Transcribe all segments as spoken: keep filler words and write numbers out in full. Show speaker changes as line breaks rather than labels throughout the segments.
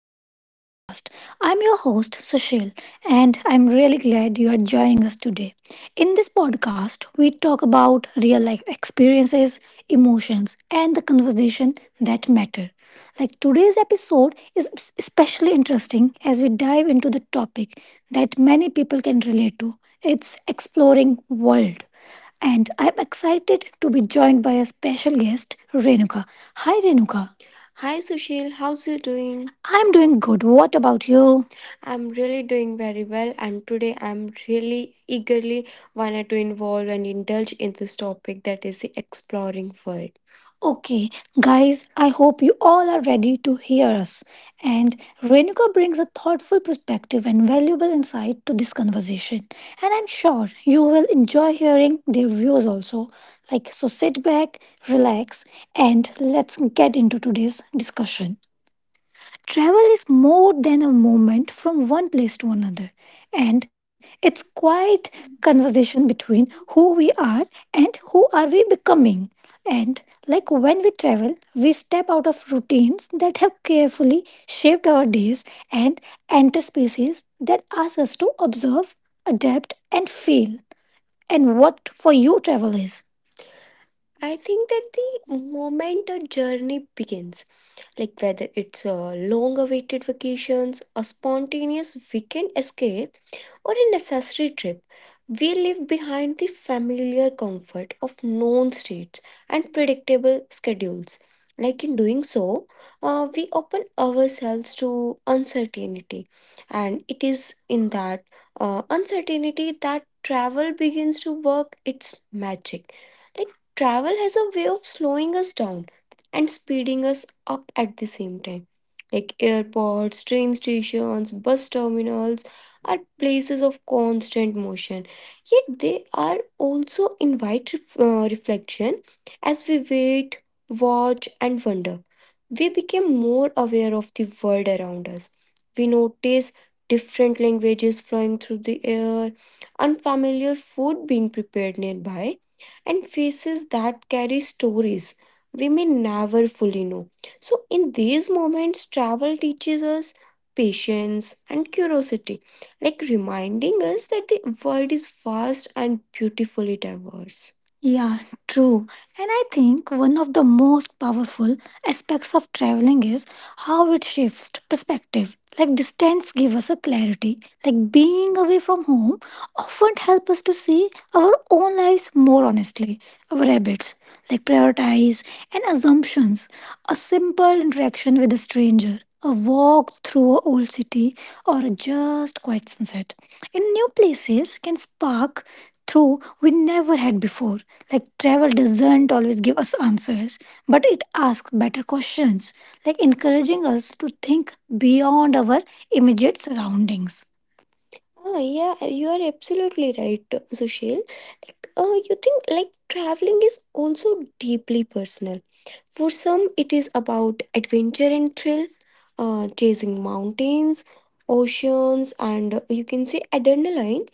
welcome to the podcast. I'm your host, Sushil, and I'm really glad you are joining us today. In this podcast, we talk about real life experiences, emotions, and the conversation that matter. Like today's episode is especially interesting as we dive into the topic that many people can relate to. It's exploring world. And I'm excited to be joined by a special guest, Renuka. Hi, Renuka. Hi Sushil, how's you doing? I'm doing good. What about you? I'm really doing very well, and today I'm really eagerly wanted to involve and indulge in this topic, that is the exploring world. Okay, guys, I hope you all are ready to hear us. And Renuka brings a thoughtful perspective and valuable insight to this conversation. And I'm sure you will enjoy hearing their views also. Like, so sit back, relax, and let's get into today's discussion. Travel is more than a movement from one place to another, and it's quite conversation between who we are and who are we becoming. And like when we travel, we step out of routines that have carefully shaped our days and enter spaces that ask us to observe, adapt, and feel. And what for you travel is. I think that the moment a journey begins, like whether it's a long awaited vacations, a spontaneous weekend escape, or a necessary trip, we leave behind the familiar comfort of known streets and predictable schedules. Like in doing so, uh, we open ourselves to uncertainty, and it is in that uh, uncertainty that travel begins to work its magic. Like. Travel has a way of slowing us down and speeding us up at the same time. Like airports, train stations, bus terminals are places of constant motion, yet they are also invite ref- uh, reflection as we wait, watch, and wonder. We become more aware of the world around us. We notice different languages flowing through the air, unfamiliar food being prepared nearby and faces that carry stories we may never fully know. So, in these moments, travel teaches us patience and curiosity, like reminding us that the world is vast and beautifully diverse. Yeah, true. And I think one of the most powerful aspects of traveling is how it shifts perspective. Like distance give us a clarity. Like being away from home often help us to see our own lives more honestly. Our habits, like prioritize and assumptions. A simple interaction with a stranger, a walk through a old city, or a just quiet sunset in new places can spark through we never had before. Like, travel doesn't always give us answers, but it asks better questions, like encouraging us to think beyond our immediate surroundings. Oh, yeah, you are absolutely right, Sushil. Like, uh, you think like traveling is also deeply personal. For some, it is about adventure and thrill, uh, chasing mountains, oceans, and uh, you can say adrenaline.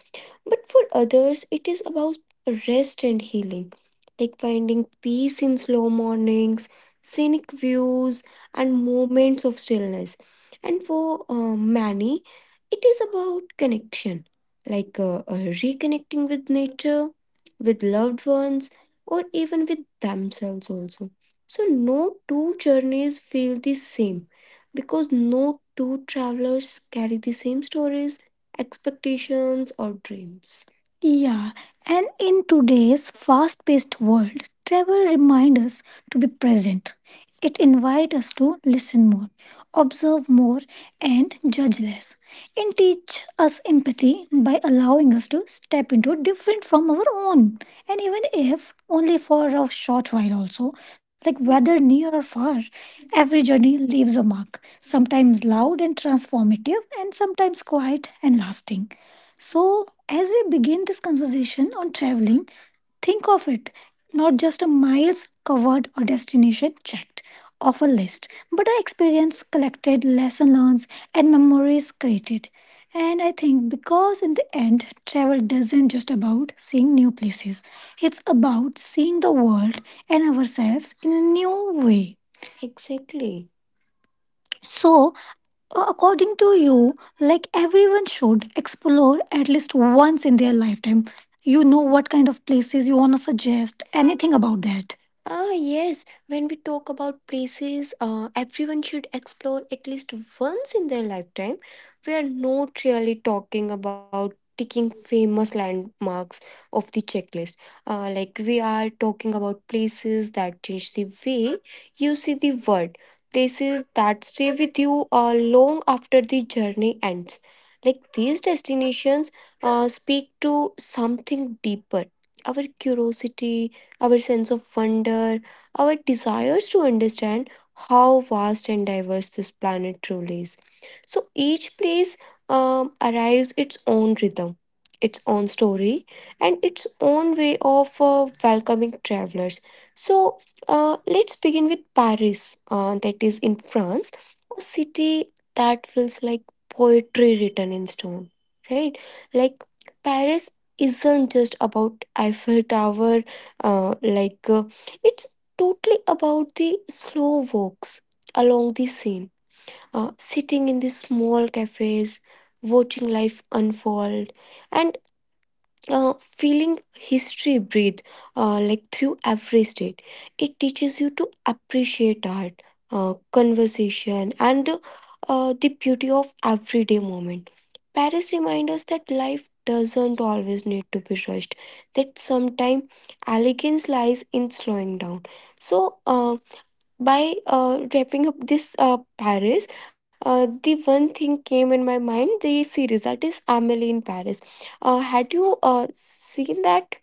But for others, it is about rest and healing, like finding peace in slow mornings, scenic views, and moments of stillness. And for uh, many, it is about connection, like uh, uh, reconnecting with nature, with loved ones, or even with themselves also. So, no two journeys feel the same because no two travelers carry the same stories, expectations, or dreams. Yeah, and in today's fast paced world, travel reminds us to be present. It invites us to listen more, observe more, and judge less. It teaches us empathy by allowing us to step into different from our own. And even if only for a short while, also, like whether near or far, every journey leaves a mark, sometimes loud and transformative, and sometimes quiet and lasting. So, as we begin this conversation on traveling, think of it not just a miles covered or destination checked off a list, but an experience collected, lesson learned, and memories created. And I think because in the end, travel doesn't just about seeing new places, it's about seeing the world and ourselves in a new way. Exactly. So, uh, According to you, like everyone should explore at least once in their lifetime. You know what kind of places you want to suggest, anything about that. Ah, yes. When we talk about places, uh, everyone should explore at least once in their lifetime. We are not really talking about ticking famous landmarks of the checklist. Uh, like, we are talking about places that change the way you see the world, places that stay with you uh, long after the journey ends. Like these destinations uh, speak to something deeper, our curiosity, our sense of wonder, our desires to understand how vast and diverse this planet truly is. So each place um, arrives its own rhythm, its own story, and its own way of uh, welcoming travelers. So uh, let's begin with Paris, uh, that is in France, a city that feels like poetry written in stone, right? Like Paris isn't just about Eiffel Tower, uh, like uh, it's totally about the slow walks along the Seine, uh, sitting in the small cafes, watching life unfold, and uh, feeling history breathe, uh, like through every state. It teaches you to appreciate art, uh, conversation, and uh, the beauty of everyday moment. Paris reminds us that life doesn't always need to be rushed, that sometimes elegance lies in slowing down. So uh, by uh, wrapping up this uh, Paris, uh, the one thing came in my mind, the series that is Amelie in Paris. Uh, had you uh, seen that?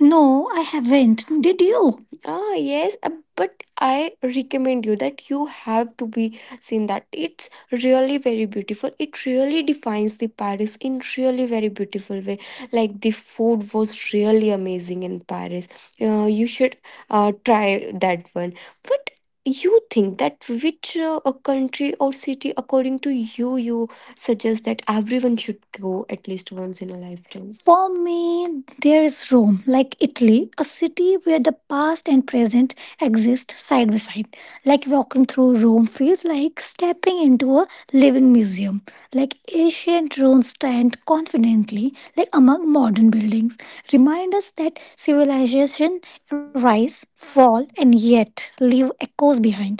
No, I haven't. Did you? Ah, yes, uh, but I recommend you that you have to be seen that. It's really very beautiful. It really defines the Paris in really very beautiful way. Like the food was really amazing in Paris. Uh, you should uh, try that one. But you think that which uh, a country or city according to you you suggests that everyone should go at least once in a lifetime? For me, there is Rome, like Italy, a city where the past and present exist side by side. Like walking through Rome feels like stepping into a living museum. Like ancient ruins stand confidently, like among modern buildings, remind us that civilization rise, fall, and yet leave echoes behind.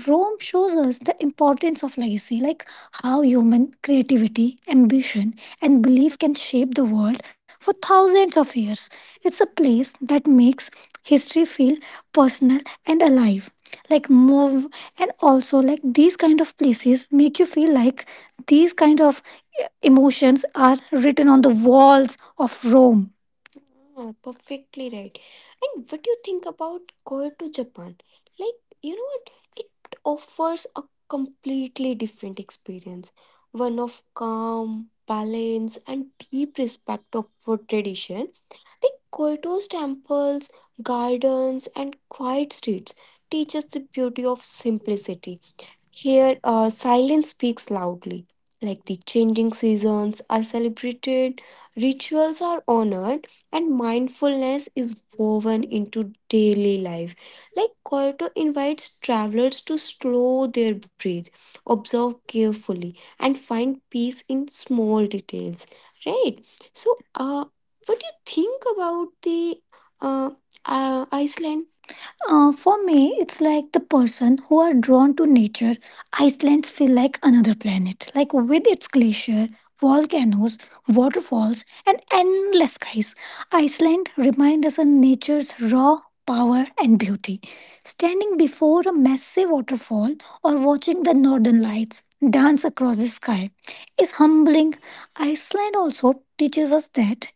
Rome shows us the importance of legacy, like how human creativity, ambition, and belief can shape the world for thousands of years. It's a place that makes history feel personal and alive, like move. And also like these kind of places make you feel like these kind of emotions are written on the walls of Rome. Ah, perfectly right. And what do you think about going to Japan? Like, you know what? It offers a completely different experience, one of calm, balance, and deep respect of for tradition. Like Kyoto's temples, gardens, and quiet streets teach us the beauty of simplicity. Here, uh, silence speaks loudly. Like the changing seasons are celebrated, rituals are honored, and mindfulness is woven into daily life. Like Kyoto invites travelers to slow their breath, observe carefully, and find peace in small details. Right? So, uh, what do you think about the uh, uh, Iceland? Uh, for me, it's like the person who are drawn to nature. Iceland's feel like another planet, like with its glacier, volcanoes, waterfalls, and endless skies. Iceland reminds us of nature's raw power and beauty. Standing before a massive waterfall or watching the northern lights dance across the sky is humbling. Iceland also teaches us that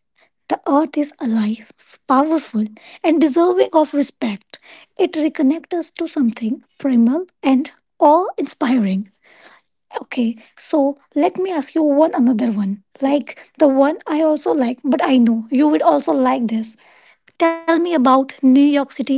the earth is alive, powerful, and deserving of respect. It reconnects us to something primal and awe inspiring. Okay, so let me ask you one another one. Like the one I also like, but I know you would also like this. Tell me about New York City.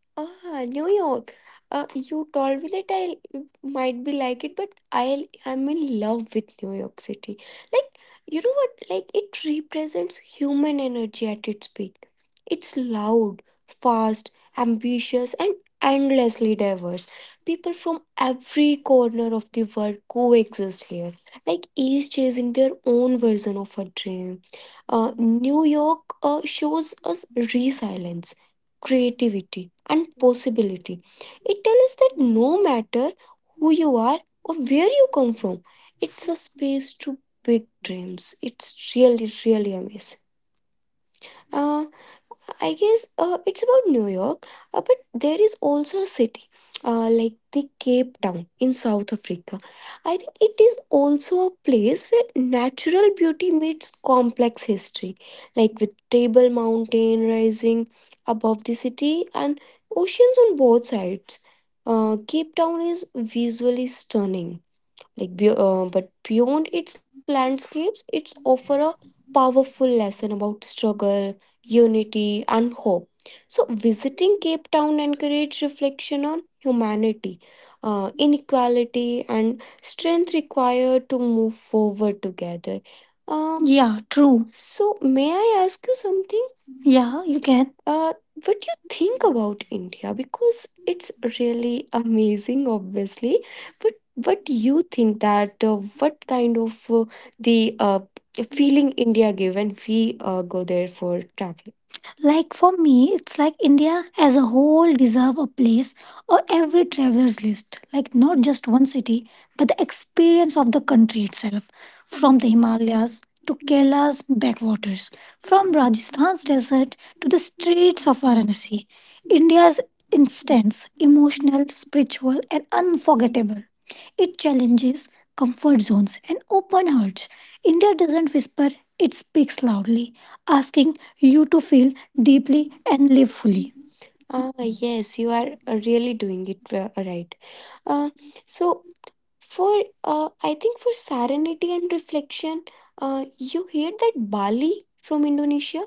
Ah, New York. Uh, you told me that I might be like it, but I I'm in love with New York City. Like, you know what? Like, it represents human energy at its peak. It's loud, fast, ambitious, and endlessly diverse. People from every corner of the world coexist here. Like, each chasing their own version of a dream. Uh, New York uh, shows us resilience, creativity, and possibility. It tells us that no matter who you are or where you come from, it's a space to big dreams. It's really, really amazing. Uh, I guess uh, it's about New York, uh, but there is also a city uh, like the Cape Town in South Africa. I think it is also a place where natural beauty meets complex history, like with Table Mountain rising above the city and oceans on both sides. Uh, Cape Town is visually stunning, like be- uh, but beyond its landscapes it's offer a powerful lesson about struggle, unity, and hope. So visiting Cape Town encouraged reflection on humanity, uh, inequality, and strength required to move forward together. um, Yeah, true. So may I ask you something? Yeah, you can. uh, what do you think about India? Because it's really amazing obviously but what do you think that uh, what kind of uh, the uh, feeling india give when we uh, go there for traveling? Like for me, it's like India as a whole deserve a place on every traveler's list. Like not just one city, but the experience of the country itself. From the Himalayas to Kerala's backwaters, from Rajasthan's desert to the streets of Varanasi. India's instance, emotional, spiritual, and unforgettable. It challenges comfort zones and open hearts. India doesn't whisper, speaks loudly, asking you to feel deeply and live fully. Ah, yes, you are uh, really doing it uh, right. Uh, so, for uh, I think for serenity and reflection, uh, you hear that Bali from Indonesia,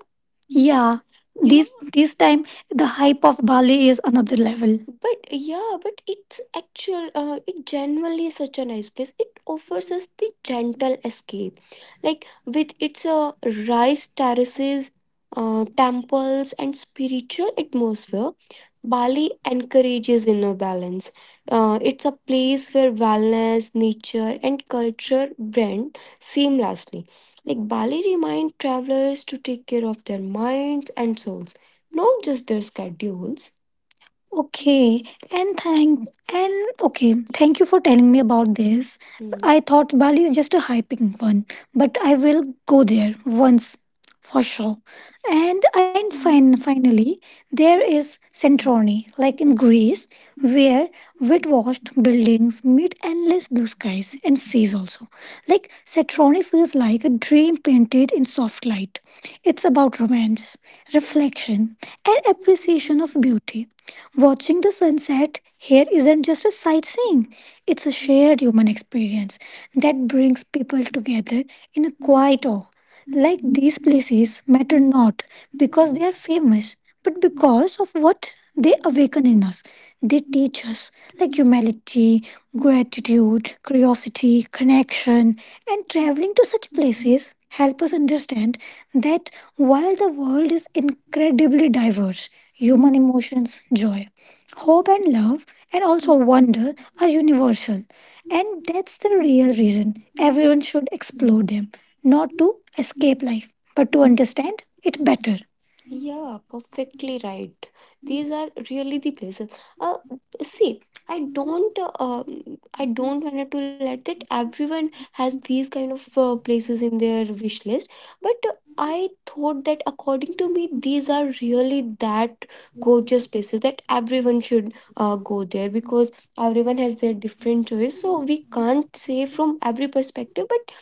yeah, this You this time the hype of Bali is another level. But yeah, but it's actual. Uh, it genuinely is such a nice place. It is the gentle escape. Like with its uh, rice terraces, uh, temples, and spiritual atmosphere, Bali encourages inner balance. Uh, it's a place where wellness, nature, and culture blend seamlessly. Like Bali reminds travelers to take care of their minds and souls, not just their schedules. Okay, and thank and okay, thank you for telling me about this. Mhm. I thought Bali is just a hyping one, but I will go there once for sure. And and fin- finally, there is Santorini, like in Greece, where wet washed buildings meet endless blue skies and seas also. Like Satroni feels like a dream painted in soft light. It's about romance, reflection, and appreciation of beauty. Watching the sunset here isn't just a sightseeing, it's a shared human experience that brings people together in a quiet awe. Like these places matter not because they are famous, but because of what they awaken in us. They teach us like humility, gratitude, curiosity, connection, and traveling to such places help us understand that while the world is incredibly diverse, human emotions, joy, hope, and love, and also wonder are universal. And that's the real reason everyone should explore, not to escape life, but to understand it better. Yeah, perfectly right, these are really the places. Uh, see i don't uh, um, i don't want to let that everyone has these kind of uh, places in their wish list, but uh, I thought that according to me these are really that gorgeous places that everyone should uh, go there because everyone has their different choice so we can't say from every perspective but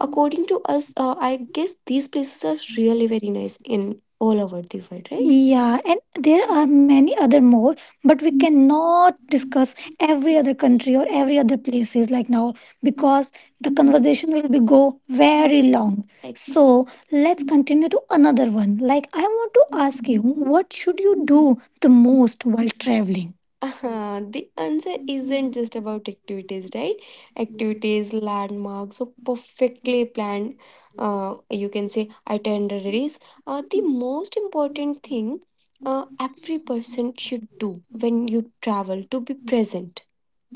according to us, uh, I guess these places are really very nice in all over the world, right? Yeah, and there are many other more, but we cannot discuss every other country or every other places like now because the conversation will be go very long. Ex- So let's continue to another one. Like I want to ask you, what should you do the most while traveling? Uh, the answer isn't just about activities, right? Activities, landmarks, so perfectly planned, uh, you can say, itineraries. Uh, the most important thing uh, every person should do when you travel to be present,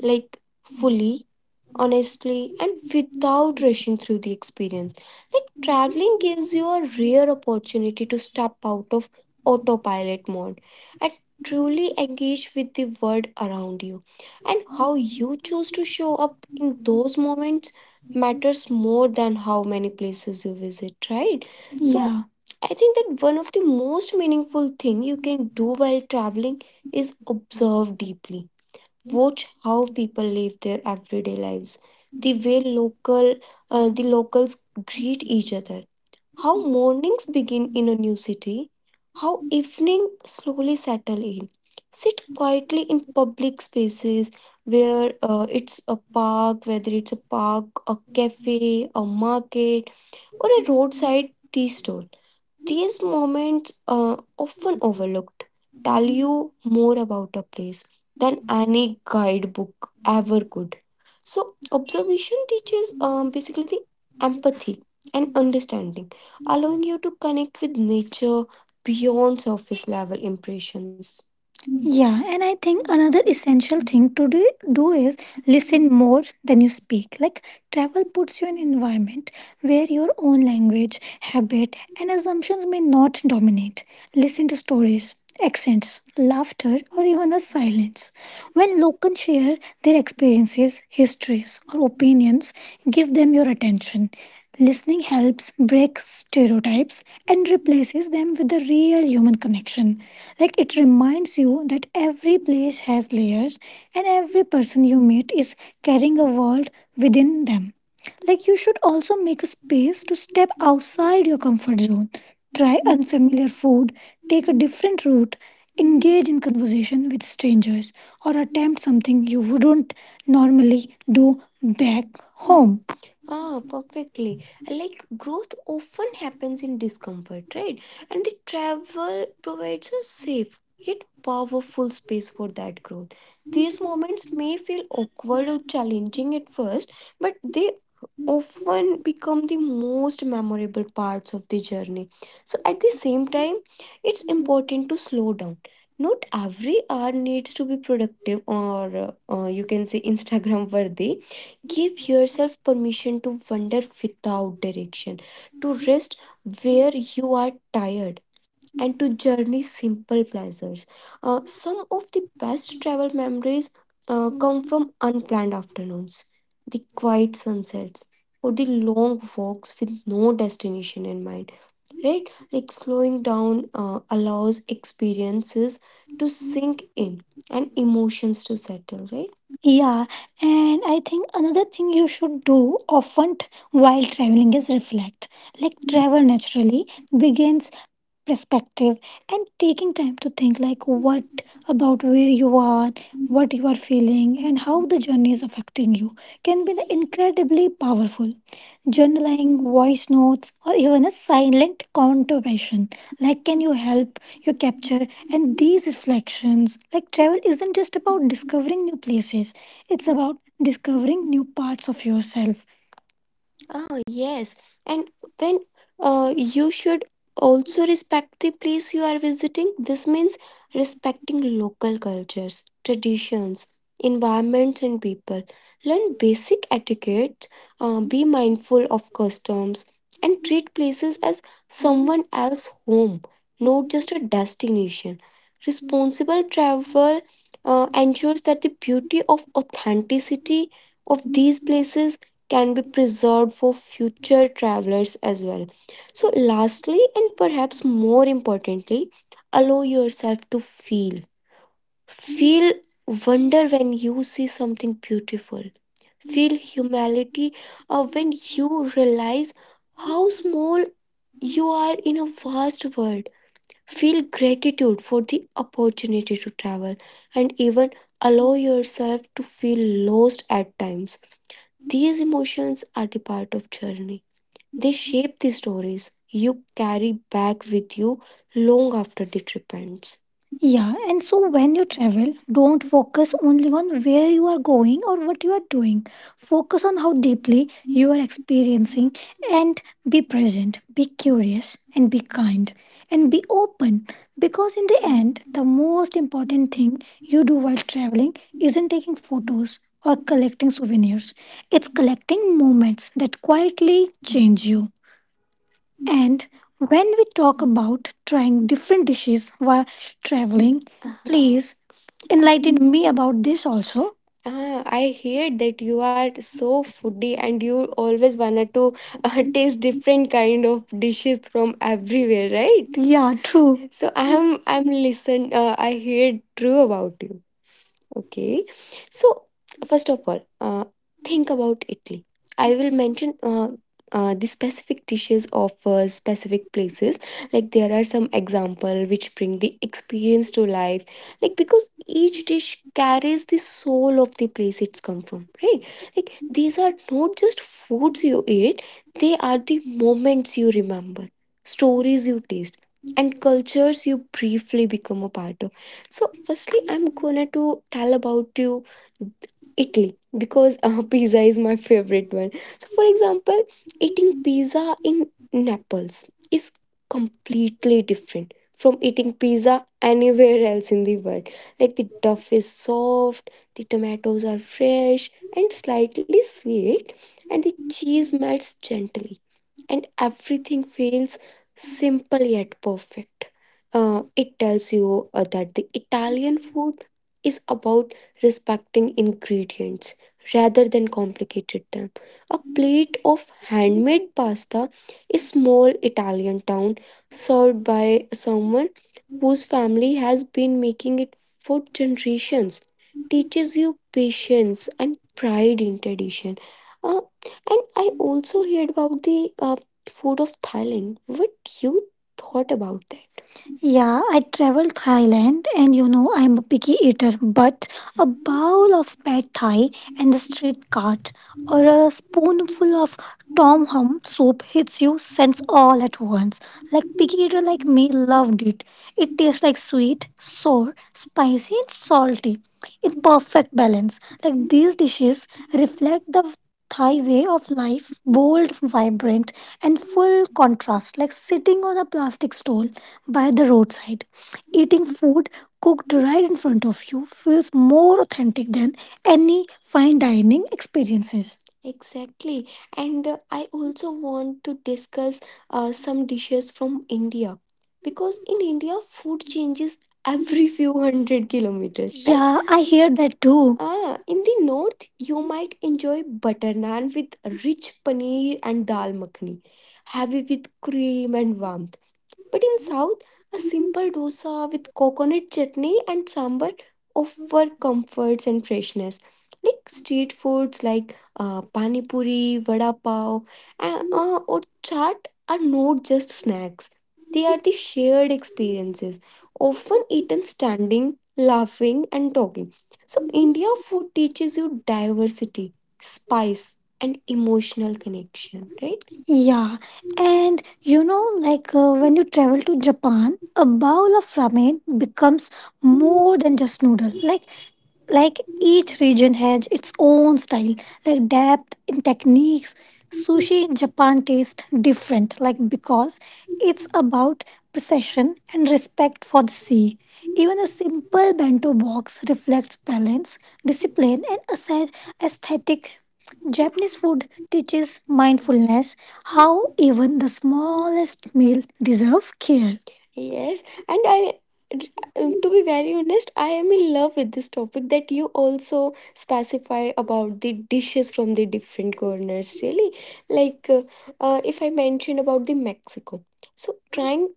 like fully, honestly, and without rushing through the experience. Like traveling gives you a rare opportunity to step out of autopilot mode and truly engage with the world around you, and how you choose to show up those moments matters more than how many places you visit, right? So yeah. I think that one of the most meaningful thing you can do while traveling is observe deeply. Watch how people live their everyday lives, the way local, uh, the locals greet each other, how mornings begin in a new city, how evening slowly settle in. Sit quietly in public spaces where uh, it's a park, whether it's a park, a cafe, a market, or a roadside tea stall. These moments uh, often tell more about a place than any guidebook ever could. So, observation teaches us basically the empathy and understanding, allowing you to connect with nature beyond surface level impressions. Yeah, and I think another essential thing to do, do is listen more than you speak. Like travel puts you in an environment where your own language, habit, and assumptions may not dominate. Listen to stories, accents, laughter, or even the silence. When locals share their experiences, histories, or opinions, give them your attention. Listening helps break stereotypes and replaces them with a real human connection. Like it reminds you that every place has layers and every person you meet is carrying a world within them. Like you should also make a space to step outside your comfort zone, try unfamiliar food, take a different route, engage in conversation with strangers, or attempt something you wouldn't normally do back home. Ah, perfectly. Like growth often happens in discomfort, right? And the travel provides a safe yet powerful space for that growth may feel awkward or challenging at first, but they often become the most memorable parts of the journey. So, at the same time, it's important to slow down. Not every hour needs to be productive or uh, uh, you can say Instagram worthy. Give yourself permission to wander without direction, to rest where you are tired, and to journey simple pleasures. Uh, some of the best travel memories uh, come from unplanned afternoons, the quiet sunsets, or the long walks with no destination in mind, right? Like slowing down uh, allows experiences to sink in and emotions to settle, right? Yeah, and I think another thing you should do often t- while traveling is reflect. Like travel naturally begins perspective, and taking time to think like what about where you are, what you are feeling, and how the journey is affecting you can be incredibly powerful. Journaling, voice notes, or even a silent contemplation like can you help you capture and these reflections. Like travel isn't just about discovering new places, it's about discovering new parts of yourself. Oh, yes. And when uh, you should also respect the place you are visiting, this means respecting local cultures, traditions, environments, and people. Learn basic etiquette, uh, be mindful of customs, and treat places as someone else's home, not just a destination. Responsible travel uh, ensures that the beauty of authenticity of these places can be preserved for future travelers as well. So, lastly, and perhaps more importantly, allow yourself to feel. Feel wonder when you see something beautiful. Feel humility uh, when you realize how small you are in a vast world. Feel gratitude for the opportunity to travel, and even allow yourself to feel lost at times. These emotions are the part of journey. They shape the stories you carry back with you long after the trip ends. Yeah, and so when you travel, don't focus only on where you are going or what you are doing. Focus on how deeply you are experiencing, and be present, be curious, and be kind, and be open. Because in the end, the most important thing you do while traveling isn't taking photos or collecting souvenirs, it's collecting moments that quietly change you. And when we talk about trying different dishes while traveling, please enlighten me about this also. Ah, I heard that you are so foodie and you always wanted to uh, taste different kind of dishes from everywhere, right? Yeah, true. So I'm I'm listen. Uh, I heard true about you. Okay. So, first of all, uh, think about Italy. I will mention uh, uh, the specific dishes of uh, specific places. Like there are some example which bring the experience to life. Like because each dish carries the soul of the place it's come from, right? Like these are not just foods you eat; they are the moments you remember, stories you taste and cultures you briefly become a part of. So firstly I'm gonna to tell about you Italy because uh, pizza is my favorite one. So, for example, eating pizza in Naples is completely different from eating pizza anywhere else in the world. Like the duff is soft, the tomatoes are fresh and slightly sweet, and the cheese melts gently, and everything feels simple yet perfect. Uh, it tells you uh, that the Italian food is about respecting ingredients rather than complicated them. A plate of handmade pasta is small Italian town served by someone whose family has been making it for generations teaches you patience and pride in tradition. Uh, and I also heard about the uh, food of Thailand. What you thought about that? Yeah, I traveled Thailand and you know I'm a picky eater, but a bowl of pad thai and the street cart or a spoonful of tom hum soup hits you sense all at once. Like picky eater like me loved it. It tastes like sweet, sour, spicy and salty in perfect balance. Like these dishes reflect the Thai way of life, bold, vibrant, and full contrast, like sitting on a plastic stool by the roadside. Eating food cooked right in front of you feels more authentic than any fine dining experiences. Exactly. And uh, I also want to discuss uh, some dishes from India because in India, food changes every few hundred kilometers, right? Yeah, I hear that too. Ah, in the north, you might enjoy butter naan with rich paneer and dal makhani, heavy with cream and warmth. But in south, a samosa with coconut chutney and sambar offer comforts and freshness. Like street foods like uh, pani puri, vada pav, and uh, chaat are not just snacks. They are the shared experience, often eaten standing, laughing, and talking. So, India food teaches you diversity, spice, and emotional connection, right? Yeah. You know, like uh, when you travel to Japan, a bowl of ramen becomes more than just noodle. Like like each region has its own style, like depth and techniques. So in Japan tastes different, like because it's about precision and respect for the sea. A simple bento box reflects balance, discipline, and aesthet- aesthetic. Japanese food teaches mindfulness, how even the smallest meal deserve care. Yes, and I, to be very honest, I am in love with this topic that you also specify about the dishes from the different corners. Really, like uh, uh, if I mentioned about the Mexico, so trying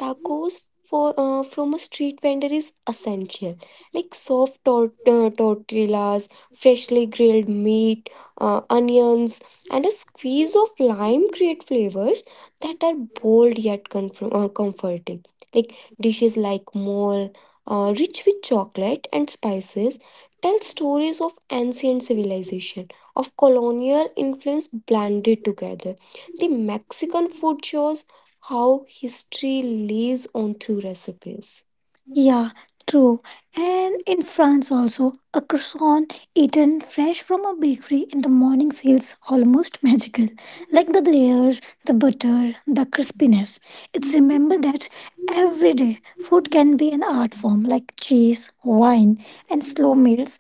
tacos for uh, from a street vendor is essential. Like soft tort- uh, tortillas, freshly grilled meat, uh, onions, and a squeeze of lime create flavors that are bold yet comf- uh, comforting. Like dishes like mole, uh, rich with chocolate and spices, tell stories of ancient civilization, of colonial influence blended together. The Mexican food shows how history lives on through recipes. Yeah, true. And in France also, a croissant eaten fresh from a bakery in the morning feels almost magical. Like the layers, the butter, the crispiness. It's remember that every day food can be an art form like cheese, wine, and slow meals.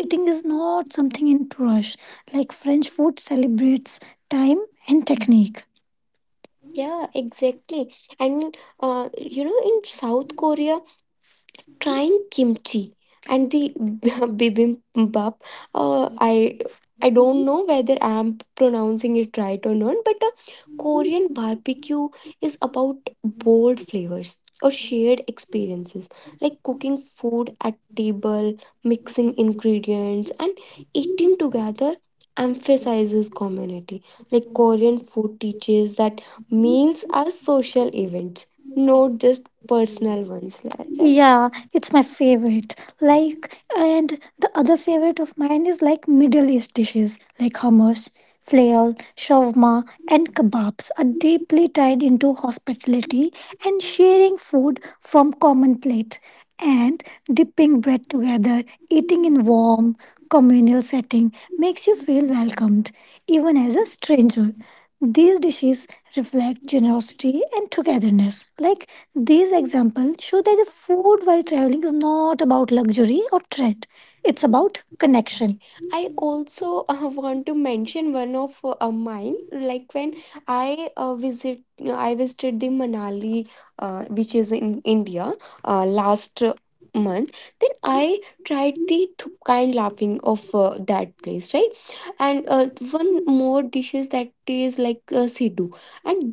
Eating is not something in to rush. Like French food celebrates time and technique. Yeah, exactly. And uh, you know, in South Korea, trying kimchi and the bibimbap. Uh, I I don't know whether I'm pronouncing it right or not, but a Korean barbecue is about bold flavors or shared experiences, cooking food at table, mixing ingredients, and eating together emphasizes community. Like Korean food teaches that meals social event foods, not just personal ones. Like, right? Yeah, it's my favorite. Like, and the other favorite of mine is like Middle East dishes like hummus, flail, shawarma, and kebabs are deeply tied into hospitality and sharing food from common plate and dipping bread together, eating in warm communal setting makes you feel welcomed even as a stranger. These dishes reflect generosity and togetherness. Like these examples show that the food while traveling is not about luxury or trend, it's about connection. I also uh, want to mention one of uh, mine. Like when I uh, visit, I visited the Manali, uh, which is in India, uh, last month. Then I tried kind laughing of uh, that place, right? And uh, one more dishes that is like uh, siddu.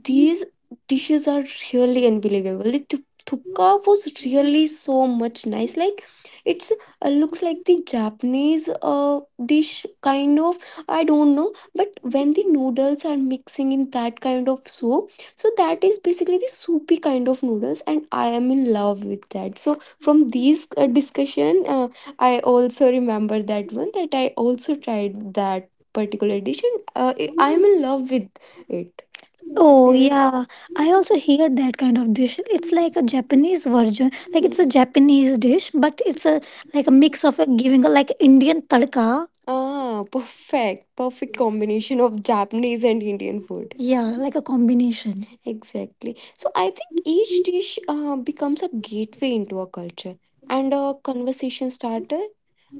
These dishes are really unbelievable. The tu- thukka was really so much nice. Like it's uh, looks like the Japanese uh, dish kind of. I don't know, but when the noodles are mixing in that kind of soup, so that is basically the soupy kind of noodles, and I am in love with that. So from these uh, discussion, uh, I also remember that one that I also tried that particular dish, and uh, I I am in love with it. Oh yeah, I also hear that kind of dish. It's like a Japanese version. Like it's a Japanese dish, but it's a like a mix of a giving a like Indian tadka. Ah, perfect. Perfect combination of Japanese and Indian food. Yeah, like a combination. Exactly. So I think each dish uh, becomes a gateway into a culture and a conversation starter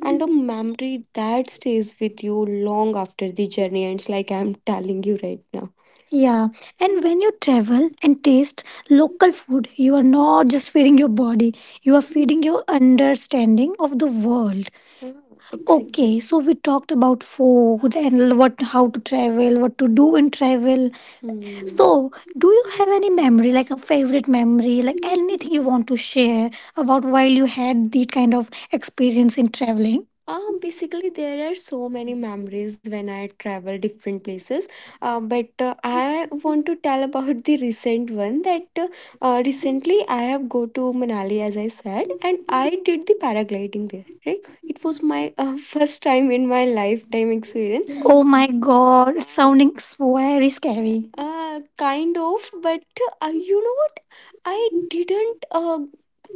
and a memory that stays with you long after the journey ends, like I'm telling you right now. Yeah. And when you travel and taste local food, you are not just feeding your body, you are feeding your understanding of the world. Exactly. Okay, so we talked about food and what how to travel, what to do in travel. Hmm. So, do you have any memory, like a favorite memory, like anything you want to share about while you had the kind of experience in traveling? Um, basically, there are so many memories when I travel different places. Uh, but uh, I want to tell about the recent one that uh, uh, recently I have go to Manali as I said, and I did the paragliding there, right? It was my uh, first time in my lifetime experience. Oh my god, it's sounding so very scary. Uh, kind of, but uh, you know what, I didn't uh,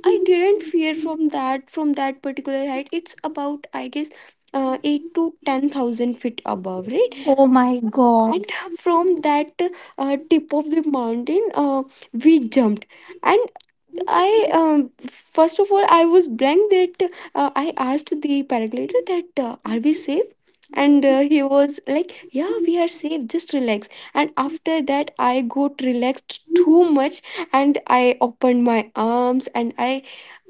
I did that from that particular height. It's about I guess uh, eight to ten thousand feet above, right? Oh my god. And that uh, tip of the mountain, uh, we jumped. And I, um, first of all, I was blank, that uh, I asked the paraglider that uh, are we safe. And uh, he was like, yeah, we are safe, just relax. And after that, I got relaxed too much, and I opened my arms, and i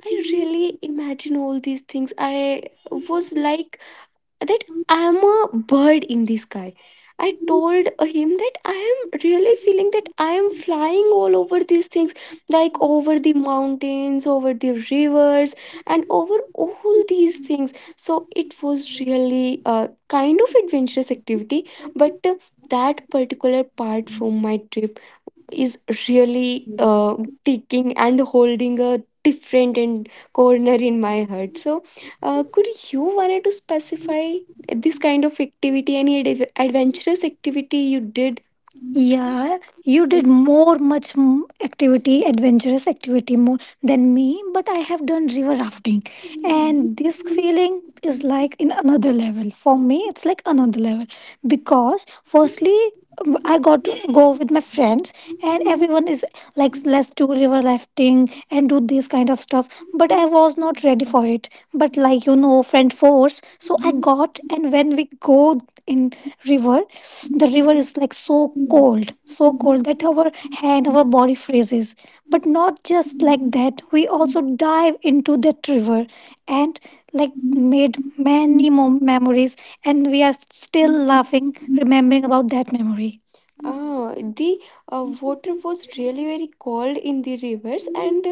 i really imagine all these things. I was like that I'm a bird in the sky. I told him that I am really feeling that I am flying all over these things, like over the mountains, over the rivers, and o- all these things. So it was really a kind of adventurous activity, but uh, that particular part from my trip is really uh, ticking and holding a different and corner in my heart. So uh, could you wanted to specify this kind of activity, any adv- adventurous activity you did? Yeah, you did more, much m- activity, adventurous activity more than me, but I have done river rafting. And this feeling is like in another level. For me, it's like another level because, firstly, w- I got to go with my friends, and everyone is like, let's do river rafting and do this kind of stuff, but I was not ready for it. But like, you know, friend force. So I got, and when we go in river, the river is like so cold, so cold that our hand, our body freezes. But not just like that, we also dive into that river, and like many more memories, and we are still like remembering about that memory. Ah, the uh, water is really very cold in the rivers, and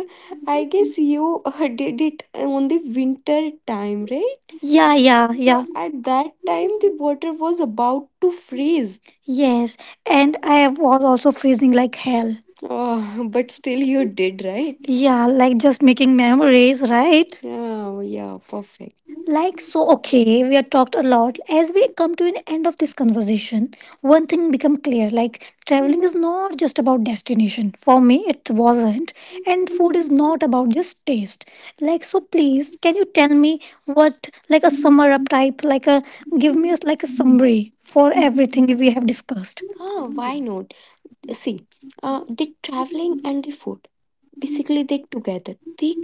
I you uh, did it on the winter time, right? Yeah, yeah, yeah. So at that time, the water was about to freeze. Yes, and I was also freezing like hell. Oh, but still, you did, right? Yeah, like just making memories, right? Yeah, yeah, perfect. Like, so okay, we have talked a lot. As we come to an end of this conversation, one thing become clear, like traveling is not just about destination. For me, it wasn't. And is not about just taste. Like, so please, can you tell me what, like a summary, like a, give me a, like a summary for everything we have discussed. Ah, why uh, did traveling food basically together the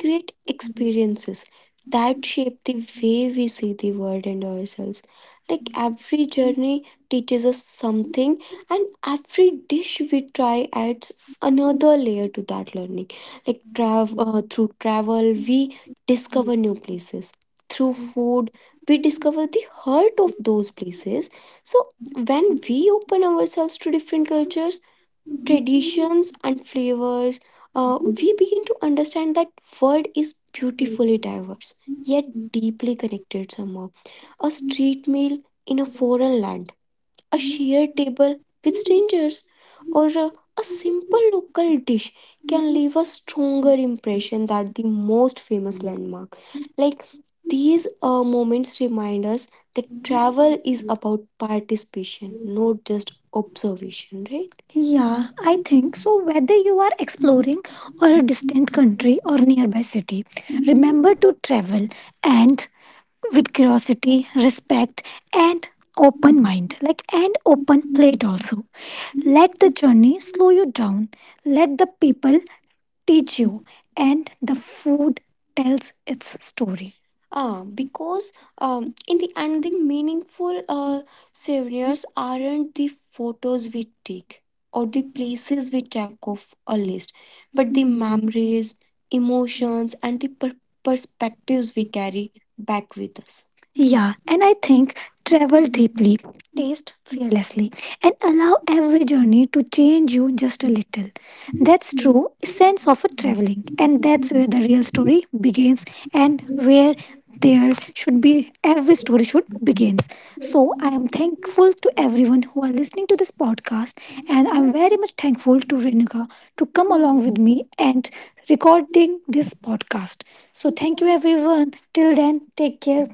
experiences that shape the way we see the world and ourselves. Like every journey teaches us something, and every dish we try adds another layer to that learning. Like travel uh, through travel, we discover places. Through food, we discover the heart of those places. So, when we open ourselves to different cultures and flavors, uh, we to understand that world is beautifully diverse yet deeply connected somehow. A street meal in a foreign land, a shared table with strangers, or a, a simple local dish can leave a stronger impression than the most famous. These uh, moments remind us that travel is about participation, not just observation, right? So, whether you are exploring a distant country or nearby city, travel and respect and open, like and open it also. Journey slow you down. Let the people teach and tells its story. Ah, cause um, and the meaningful uh, souvenirs aren't the photos mistake or the things we check off a list, but the memories, emotions, and the per- perspectives we carry back with us. And I think travel fearlessly and allow every journey to change you just a little. Sense of, and that's where the real story begins, and where there should be, every story should begin. So I am thankful to everyone who are listening to this podcast, and I'm
Ég
very
er
much thankful to Renuka to come
að
me and recording this podcast. So, thank you
fara.
everyone. Till then, take care.